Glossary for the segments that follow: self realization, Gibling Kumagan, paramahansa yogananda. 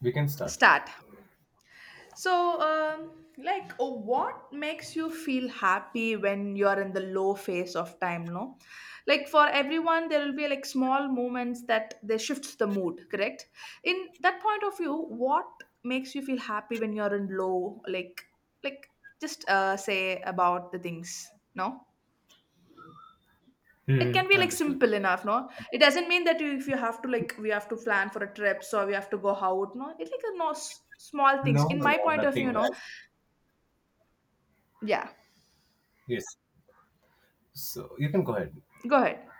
We can start. Start. So, um, what makes you feel happy when you're in the low phase of time? No, like for everyone, there will be like small moments that they shifts the mood. Correct. In that point of view, what makes you feel happy when you're in low? Like just say about the things. No. It Hmm. can be like Understood. simple enough, no? It doesn't mean that you, if you have to like we have to plan for a trip, so we have to go out, no. It's like a no small No, things. In no, my no, point of view, nothing. no. Yeah, Yes. So you can go ahead. go ahead.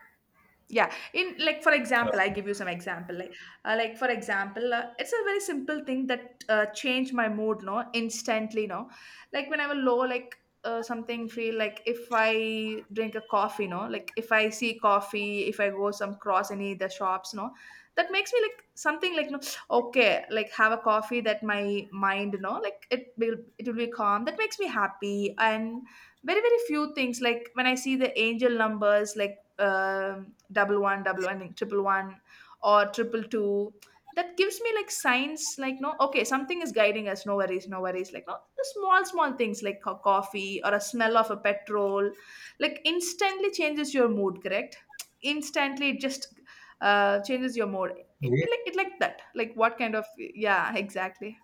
Yeah, in like for Uh, example, I give you some example. Like for example, it's a very simple thing that changed my mood, no, instantly, no. Like when I was low, something feel like if I drink a coffee, no, like if I see coffee, if I go some cross any the shops, no, that makes me like something like no, okay, like have a coffee that my mind, no, like it will be calm. That makes me happy and very few things like when I see the angel numbers like double one, I think triple one, or triple two. That gives me like signs, like no, okay, something is guiding us. No worries, no worries. Like no, the small, small things like coffee or a smell of a petrol, like instantly changes your mood. Correct? Instantly, it just changes your mood. It, it, yes. like it like that. Like what kind of yeah, exactly.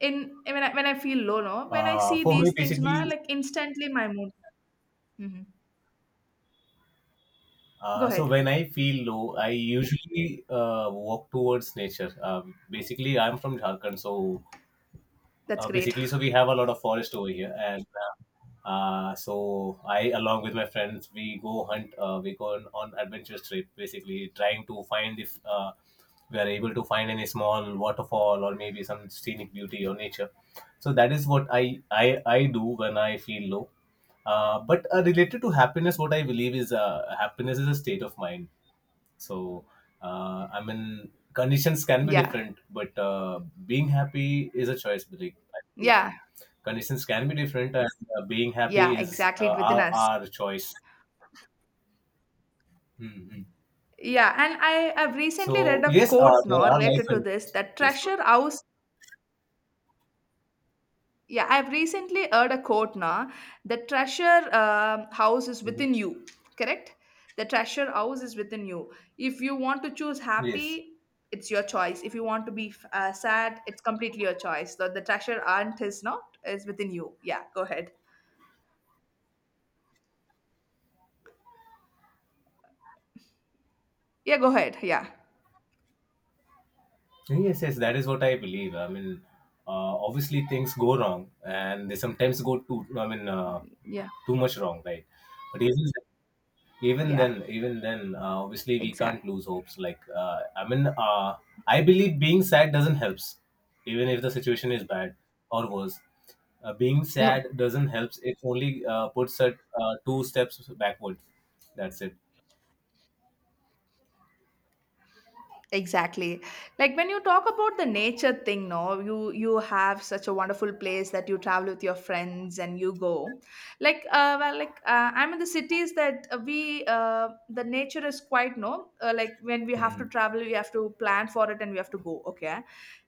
In when I feel low, no, when I see For me, these things, no, basically, like instantly my mood. Hmm. Go so ahead. when I feel low, I usually walk towards nature. Basically, I'm from Jharkhand, so That's great. basically so we have a lot of forest over here and so I along with my friends we go hunt we go on adventurous trip, basically trying to find if we are able to find any small waterfall or maybe some scenic beauty or nature. So that is what I do when I feel low. But related to happiness, what I believe is happiness is a state of mind. So, I mean, conditions can be Yeah. different, but being happy is a choice, Blake, I believe. Yeah. Conditions can be different, and being happy Yeah, is exactly. It within our, us. our choice. Hmm, hmm. Yeah, and I have recently So, read a yes, quote there now are life related to and this that yes, go ahead. treasure house. Yeah, I've recently heard a quote now. The treasure house is Mhm. within you. Correct. The treasure house is within you. If you want to choose happy, Yes, it's your choice. If you want to be sad, it's completely your choice. So the treasure aunt is not is within you. Yeah, go ahead. Yeah, go ahead. Yeah, yes, yes, that is what I believe. I mean, obviously, things go wrong, and they sometimes go too, I mean, yeah, too much wrong, right? But yes, yes, even yeah. then even then obviously we can't Exact. lose hopes, like I mean I believe being sad doesn't helps even if the situation is bad or worse. Being sad No. doesn't helps, it only puts it two steps backward. That's it. Exactly. Like when you talk about the nature thing, no, you have such a wonderful place that you travel with your friends and you go. I'm in the cities that we the nature is quite no. Like when we have to Mhm. travel, we have to plan for it and we have to go. Okay,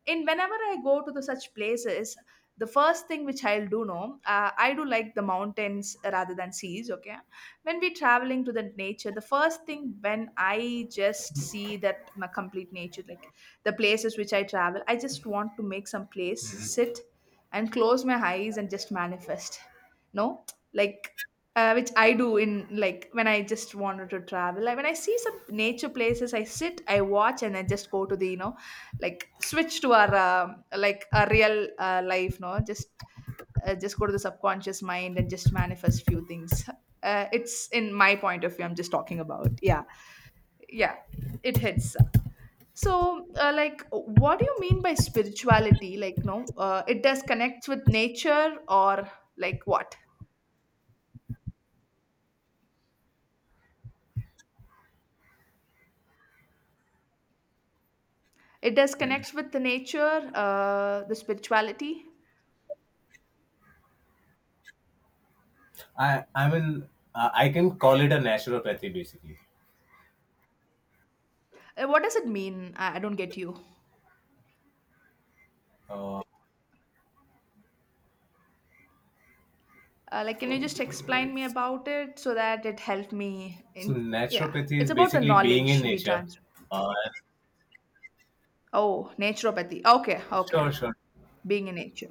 in whenever I go to the such places, the first thing which I'll do, no, I do like the mountains rather than seas. Okay, when we traveling to the nature, the first thing when I just see that my complete nature, like the places which I travel, I just want to make some place sit and close my eyes and just manifest, no, like which I do in, like when I just wanted to travel, like when I see some nature places, I sit, I watch and I just go to the you know, like switch to our like a real life, no, just just go to the subconscious mind and just manifest few things. It's in my point of view, I'm just talking about. Yeah, yeah, it hits. So like what do you mean by spirituality, like no, it does connect with nature or like what? It does connect with the nature, the spirituality. I mean I can call it a naturopathy, basically. What does it mean? I don't get you. Like can Oh, you just good evening, explain me boys. about it so that it helped me So in. Yeah, naturopathy it's is about the basically being in knowledge we nature. transfer. uh, Oh, naturopathy. Okay, okay. sure, sure. Being in nature.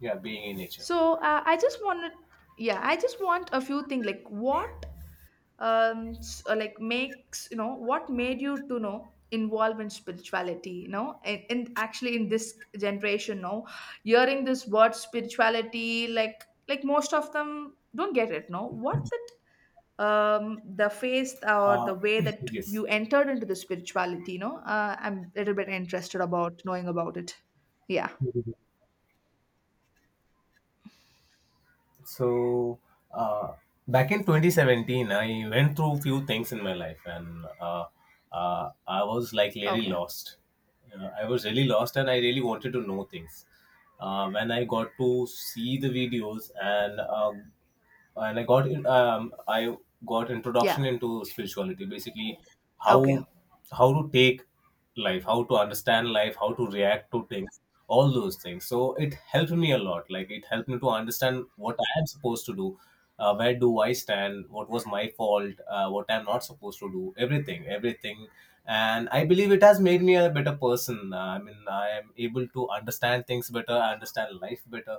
Yeah, being in nature. So I just wanted, yeah, I just want a few things like what, like makes you know what made you to you know involve in spirituality, you know, and actually in this generation, no, hearing this word spirituality, like most of them don't get it, no. What the faith or uh, the way that yes. you entered into the spirituality, you know? I'm a little bit interested about knowing about it. Yeah. So uh, back in 2017, I went through few things in my life, and I was like really Okay. lost. I was really lost, and I really wanted to know things. When I got to see the videos and and I got in. I got Yeah. introduction into spirituality. Basically, Okay. how how to take life, how to understand life, how to react to things, all those things. So it helped me a lot. Like it helped me to understand what I am supposed to do, where do I stand, what was my fault, what I'm not supposed to do, everything, everything. And I believe it has made me a better person. I mean, I am able to understand things better, I understand life better,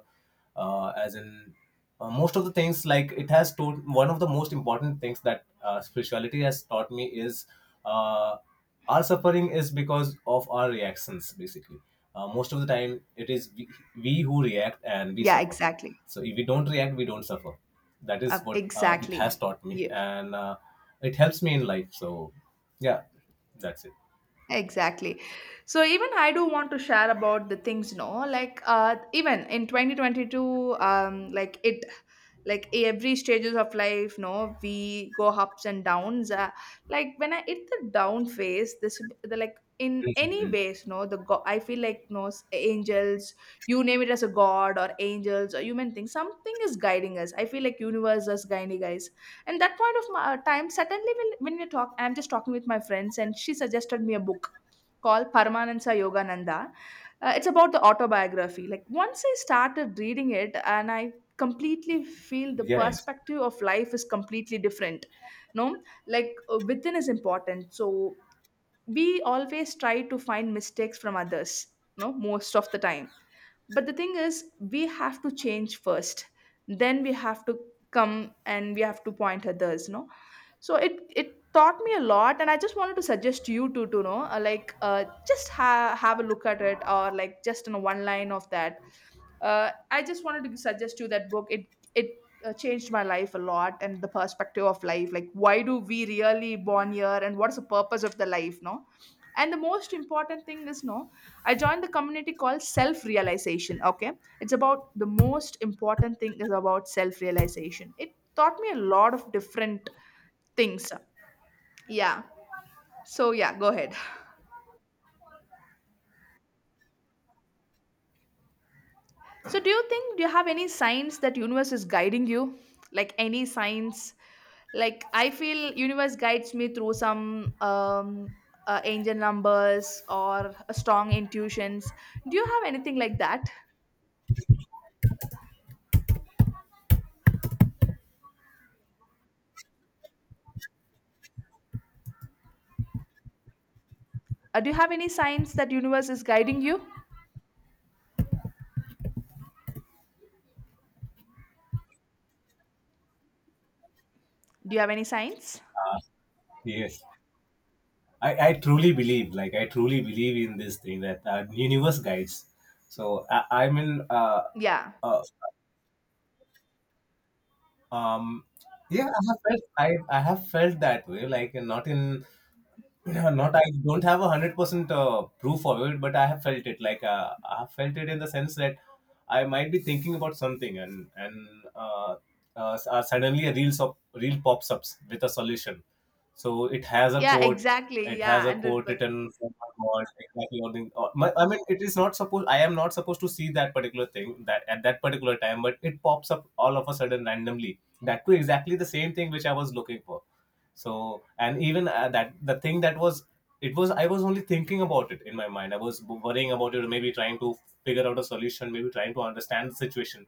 as in most of the things, like it has taught one of the most important things that spirituality has taught me is uh, our suffering is because of our reactions, basically. Most of the time it is we who react and we Yeah, suffer. exactly. So if we don't react, we don't suffer. That Uh, is what it exactly. has taught me, Yeah. and it helps me in life. So, yeah, that's it. Exactly. So even I do want to share about the things, no, like even in 2022, like it, like every stages of life, no, we go ups and downs. Like when I hit the down phase, this the like in any Mhm. ways, no, the I feel like no angels, you name it as a god or angels or human thing, something is guiding us. I feel like universe is guiding us, and that point of my time suddenly when we talk, I'm just talking with my friends and she suggested me a book called Paramahansa Yogananda. It's about the autobiography. Like once I started reading it, and I completely feel the Yeah. perspective of life is completely different, no, like within is important. So we always try to find mistakes from others, no, most of the time. But the thing is we have to change first, then we have to come and we have to point others, no. So it taught me a lot and I just wanted to suggest you to know, just have a look at it, or like just in one line of that, I just wanted to suggest you that book. It, changed my life a lot and the perspective of life, like why do we really born here and what's the purpose of the life, no? And the most important thing is, no, I joined the community called self realization. Okay. It's about the most important thing is about self realization. It taught me a lot of different things. Yeah. So, yeah, go ahead. So, do you have any signs that universe is guiding you? Like any signs? Like I feel universe guides me through some angel numbers or strong intuitions. Do you have anything like that? Do you have any signs that universe is guiding you? Do you have any signs? Yes, I truly believe, like I truly believe in this thing that universe guides. So Yeah. uh, um, yeah, I have felt I have felt that way, like not in. Yeah, not I don't have 100% proof of it, but I have felt it. Like I have felt it in the sense that I might be thinking about something, and and suddenly a real reel pops up with a solution. So it has a Yeah, quote. exactly. It has Yeah, a quote 100%. written from my God, exactly. Or the, or my, I mean, it is not supposed. I am not supposed to see that particular thing that at that particular time, but it pops up all of a sudden randomly. That too, exactly the same thing which I was looking for. So and even that the thing that was, it was, I was only thinking about it in my mind. I was worrying about it, maybe trying to figure out a solution, maybe trying to understand the situation.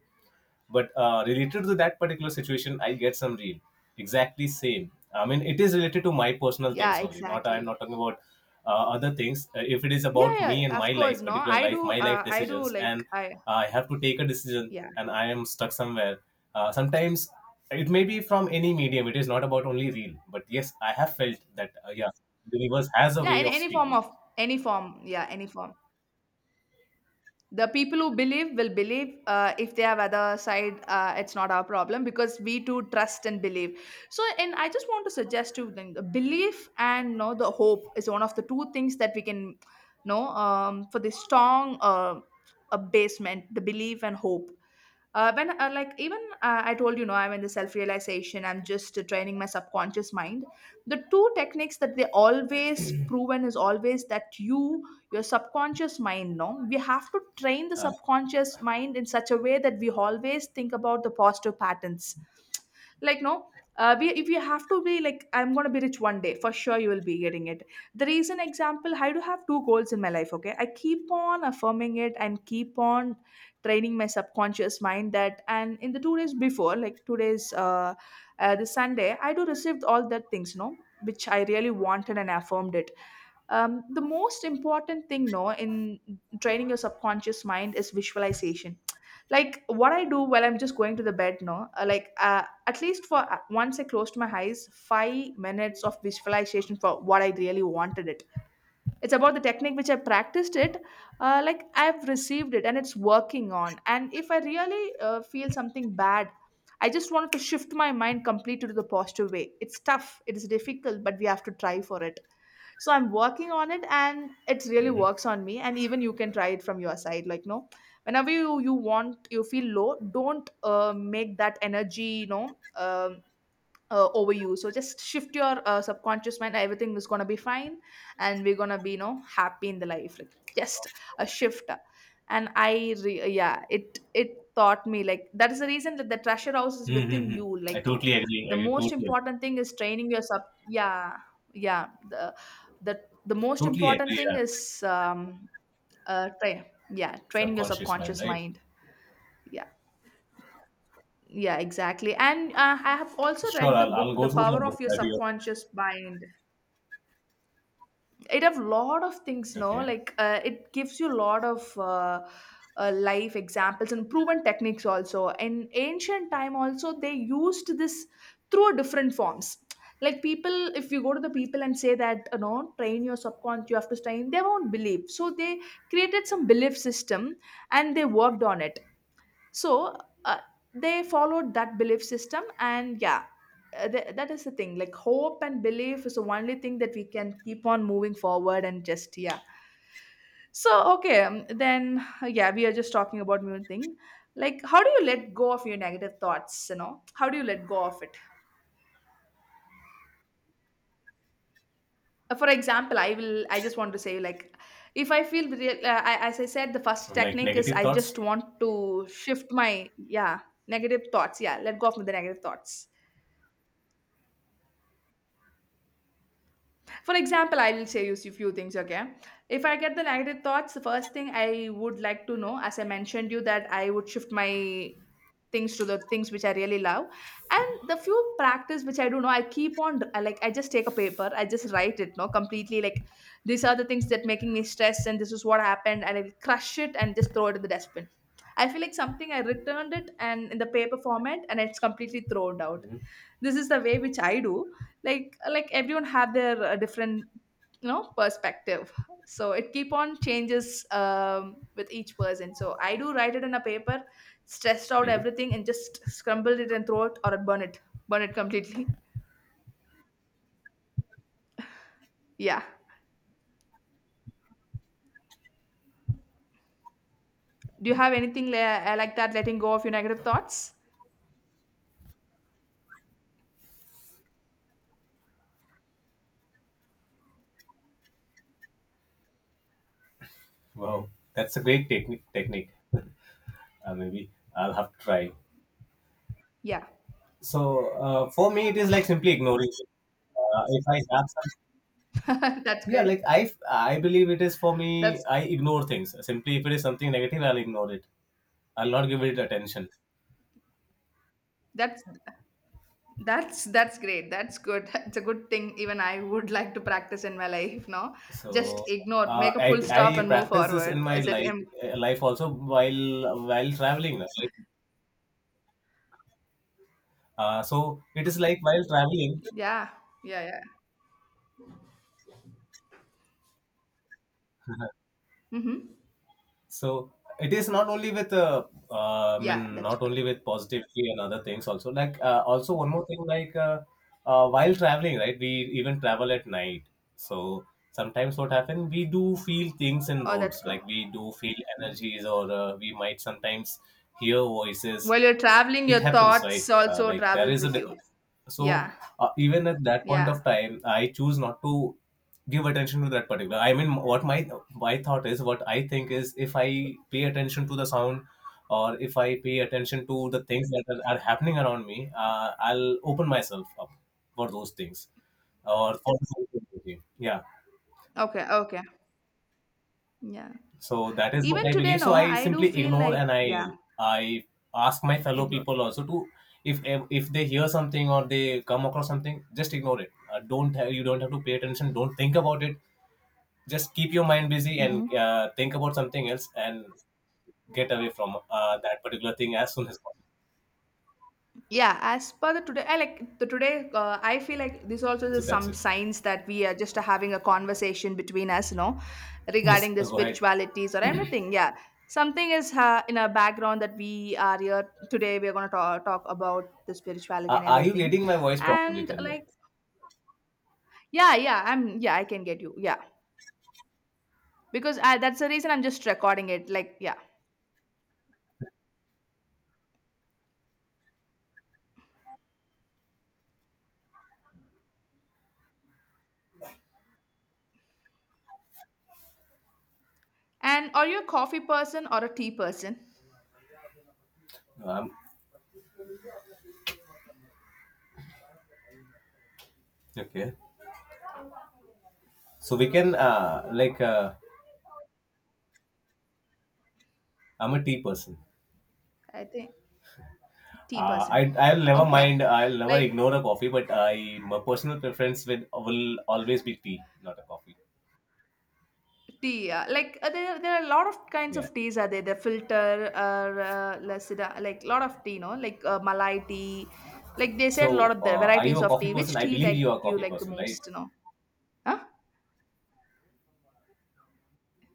But related to that particular situation I get some real exactly same. I mean, it is related to my personal things Yeah, only, not. I'm exactly. not talking about other things. If it is about Yeah, me and yeah, my of course, life, no. particular life, my life I do decisions, like and I. I have to take a decision Yeah. and I am stuck somewhere. Sometimes it may be from any medium. It is not about only real, but yes, I have felt that. Yeah, the universe has a Yeah, way in of any form speaking. of any form. Yeah, any form. The people who believe will believe, if they have other side, it's not our problem because we too trust and believe. So, and I just want to suggest to them the belief and you know, the hope is one of the two things that we can know, for the strong a basement, the belief and hope. When like even I told you know I'm in the self realization, I'm just training my subconscious mind. The two techniques that they always proven is always that you, your subconscious mind, no, we have to train the uh, subconscious mind in such a way that we always think about the positive patterns. Like no, we, if you have to be like I'm going to be rich one day, for sure you will be getting it. The reason example, I do have two goals in my life. Okay, I keep on affirming it and keep on training my subconscious mind that, and in the 2 days before, like 2 days the sunday, I do received all that things, no, which I really wanted and affirmed it. The most important thing, no, in training your subconscious mind is visualization. Like what I do while I'm just going to the bed, no, at least for once, I closed my eyes, 5 minutes of visualization for what I really wanted it. It's about the technique which I practiced it, like I've received it and it's working on. And if I really feel something bad, I just wanted to shift my mind completely to the positive way. It's tough, it is difficult, but we have to try for it. So I'm working on it and it really hmm, works on me, and even you can try it from your side, like no, whenever you want, you feel low, don't make that energy, you know, over you, so just shift your subconscious mind, everything is going to be fine and we're going to be you know happy in the life, like just a shift. And yeah, it taught me like that is the reason that the treasure house is within hmm. you. I Like totally agree. the I most totally, important thing is training your sub. Yeah. Yeah, the most totally important agree. thing Yeah. is train, yeah, training your Subconscious mind, subconscious right? mind. Yeah. Yeah, exactly. And I have also Sure, read the I'll book, The go through the Power book of Your that you. Subconscious Mind. It have lot of things, no? Okay. Like it gives you a lot of life examples and proven techniques also. In ancient time also, they used this through different forms. Like people, if you go to the people and say that, you know, train your subconscious, you have to train, they won't believe. So they created some belief system and they worked on it. So uh, they followed that belief system, and yeah, that is the thing. Like hope and belief is the only thing that we can keep on moving forward and just yeah. So okay, then yeah, we are just talking about new thing. Like how do you let go of your negative thoughts, you know? How do you let go of it? For example, I just want to say, like, if I feel real, as I said, the first So, like technique is negative I thoughts? just want to shift my yeah negative thoughts, yeah, let go of the negative thoughts. For example, I will say you a few things, okay? If I get the negative thoughts, the first thing I would like to know, as I mentioned you, that I would shift my things to the things which I really love. And the few practice which I do know, I keep on I just take a paper, I just write it, no, completely, like, these are the things that making me stress and this is what happened, and I will crush it and just throw it in the dustbin. I feel like something I returned it and in the paper format and it's completely thrown out. Hmm. This is the way which I do. Like, everyone have their different, you know, perspective. So it keep on changes with each person. So I do write it in a paper, stressed out Hmm. everything, and just scrambled it and throw it or burn it. Burn it completely. Yeah. Do you have anything like that, letting go of your negative thoughts? Wow, that's a great technique. Maybe I'll have to try. Yeah. So for me, it is like simply ignoring it. If I have some, That's yeah, great. like I believe it is for me. that's I ignore things simply. If it is something negative, I'll ignore it. I'll not give it attention. that's That's that's great. That's good. It's a good thing, even I would like to practice in my life, no? Just So ignore, make a I, full stop I and move practice this in forward. I my said to life him, also while traveling. Right? So it is like while traveling. yeah, yeah, yeah. Mm-hmm. So it is not only with I Yeah, mean that's not good. only with positivity and other things, also, like also one more thing, like while traveling, right, we even travel at night. So sometimes what happen we do feel things in Oh, that's roads, good. like we do feel energies or we might sometimes hear voices. While you're traveling, It your happens, right? thoughts also Like there travels is a with you. so Yeah, even at that point yeah. of time I choose not to give attention to that particular, I mean, what my thought is, what I think is, if I pay attention to the sound or if I pay attention to the things that are happening around me, I'll open myself up for those things or for. Yeah. Okay, okay. Yeah. So that is what Even I today, believe. no, So I I do simply feel ignore like, and I yeah, I ask my fellow ignore. people also to. If if they hear something or they come across something, just ignore it. Don't have, you don't have to pay attention. Don't think about it. Just keep your mind busy and Mm-hmm. Think about something else and get away from that particular thing as soon as possible. Yeah, as per the today, I like the today. I feel like this also So is that's some it. signs that we are just having a conversation between us, you know, Yes, regarding the go ahead. spiritualities or anything. Yeah, something is in our background that we are here today. We are going to talk, talk about the spirituality and Are you everything, getting my voice properly? and Tell me. like yeah, yeah, I'm yeah, I can get you. Yeah, because that's the reason I'm just recording it. Like yeah, and are you a coffee person or a tea person? Um, okay. So we can, like I'm a tea person. I think tea person. I'll never Okay, mind. I'll never like ignore a coffee, but I my personal preference with will always be tea, not a coffee. tea, yeah. Like there, there are a lot of kinds Yeah. of teas. Are there the filter, or lasida, like lot of tea, no? Like Malai tea. Like they said, a lot So, of the are you varieties a of coffee tea. person? Which I tea believe like you are a you coffee like the person, right? most, you know? Huh?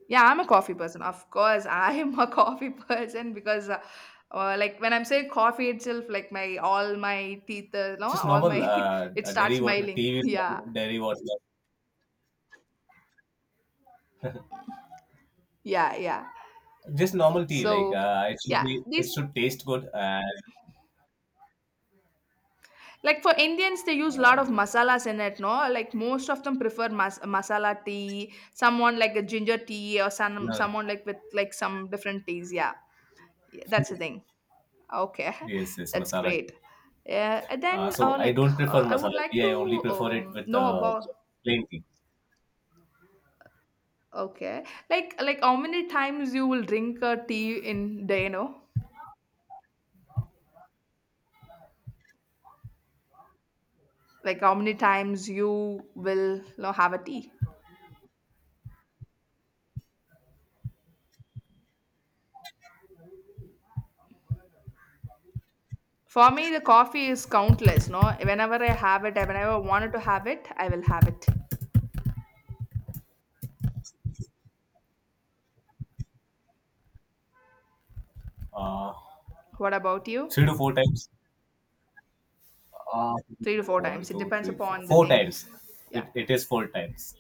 Yeah, I'm a coffee person. Of course, I am a coffee person because, like when I'm saying coffee itself, like my all my teeth, no, Just all normal my it dairy starts water smiling. tea Yeah, with dairy water. yeah, yeah. Just normal tea, like So it should yeah, be. It these, should taste good. And like, for Indians, they use a uh, lot of masalas in it, no? Like most of them prefer masala tea, someone like a ginger tea, or no. someone like with like some different teas. Yeah, yeah, that's the thing. Okay, Yes, yes, that's masala great. tea. Yeah, and then So I like don't prefer I would masala like tea. to I only prefer it with know about plain tea. okay, like, how many times you will drink a tea in day, you know? Like how many times you will, you know, have a tea? For me, the coffee is countless, no? Whenever I have it, whenever I wanted to have it, I will have it. Uh, What about Three you? to four times. Uh, Three to four One, times. It two, depends three, four. upon the Four thing. times. Yeah. It is four times.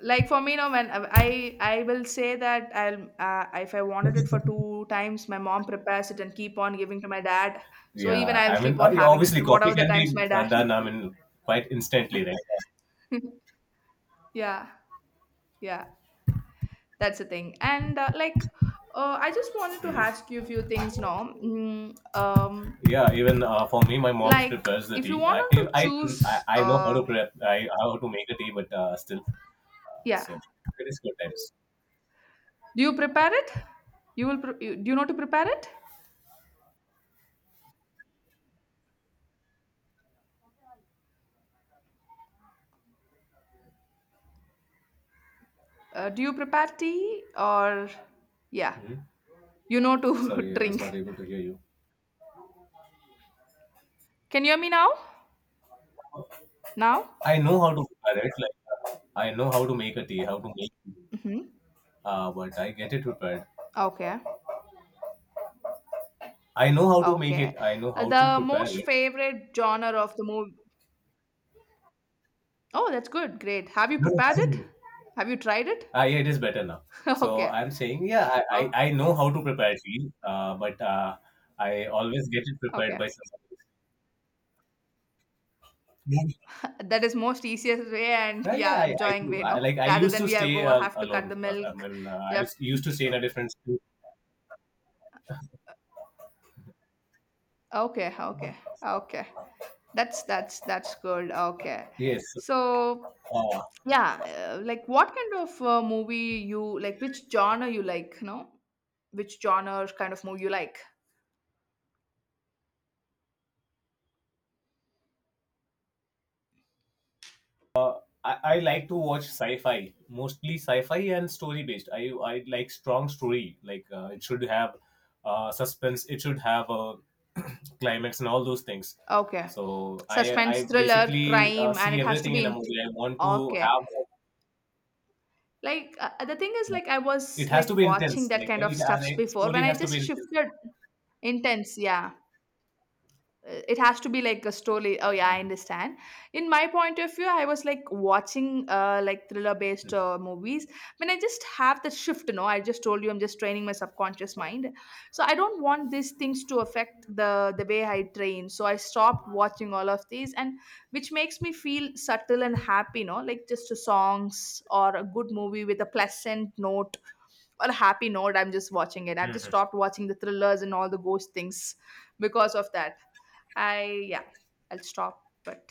Like for me, no, when I will say that I'll if I wanted it for two times, my mom prepares it and keep on giving to my dad. So even Yeah, I'll I keep mean, on yeah, having obviously, coffee whatever the can times be my dad. done. I mean, quite instantly, right? Yeah, yeah. That's the thing. And like, I just wanted to ask you a few things now. Mm, Yeah, even for me, my mom like, prepares the if you tea. Want to I, I choose, I know how to prep. I how to make the tea, but still, yeah, so it is four times. do you prepare it? You will. Do you know to prepare it? Do you prepare tea or yeah, Hmm. you know to Sorry, I was not drink? able to hear you. Can you hear me now? Now? I know how to prepare it. Like I know how to make a tea, how to make, Hmm. But I get it prepared. Okay. I know how to make it. Okay. I know how to the prepare most it. favorite genre of the movie. Oh, that's good. Great. Have you No, prepared it? fine. Have you tried it? Yeah, it is better now. So Okay. I'm saying, yeah, I, Okay. I, I know how to prepare tea, but I always get it prepared Okay. by somebody. That is most easiest way, and Yeah, yeah, I enjoying do. way, I, no? like I Rather used than to we have stay go have to cut alone. the I milk, mean, yeah, used to stay in a different school. okay, okay, okay. That's that's good. Okay, Yes. so Uh, yeah, like what kind of movie you like? Which genre you like? No, which genre kind of movie you like? I like to watch sci-fi, mostly sci-fi and story-based. I like strong story. Like it should have suspense. It should have a climax and all those things. Okay, So I suspense, thriller, basically crime, and see it has to everything be in a in. movie. I want to Okay, have. like the thing is, like I was It has like to be watching intense. that Like kind of it, uh, stuffs the before story when I has to be just intense. shifted intense. Yeah, it has to be like a story, oh yeah, I Mhm, understand. In my point of view, I was like watching like thriller based mhm. Movies when I just have the shift, you know, I just told you I'm just training my subconscious mind. So I don't want these things to affect the way I train, so I stopped watching all of these, and which makes me feel subtle and happy, you know, like just a songs or a good movie with a pleasant note or a happy note. I'm just watching it. I've just stopped watching the thrillers and all the ghost things because of that. I yeah, I'll stop. But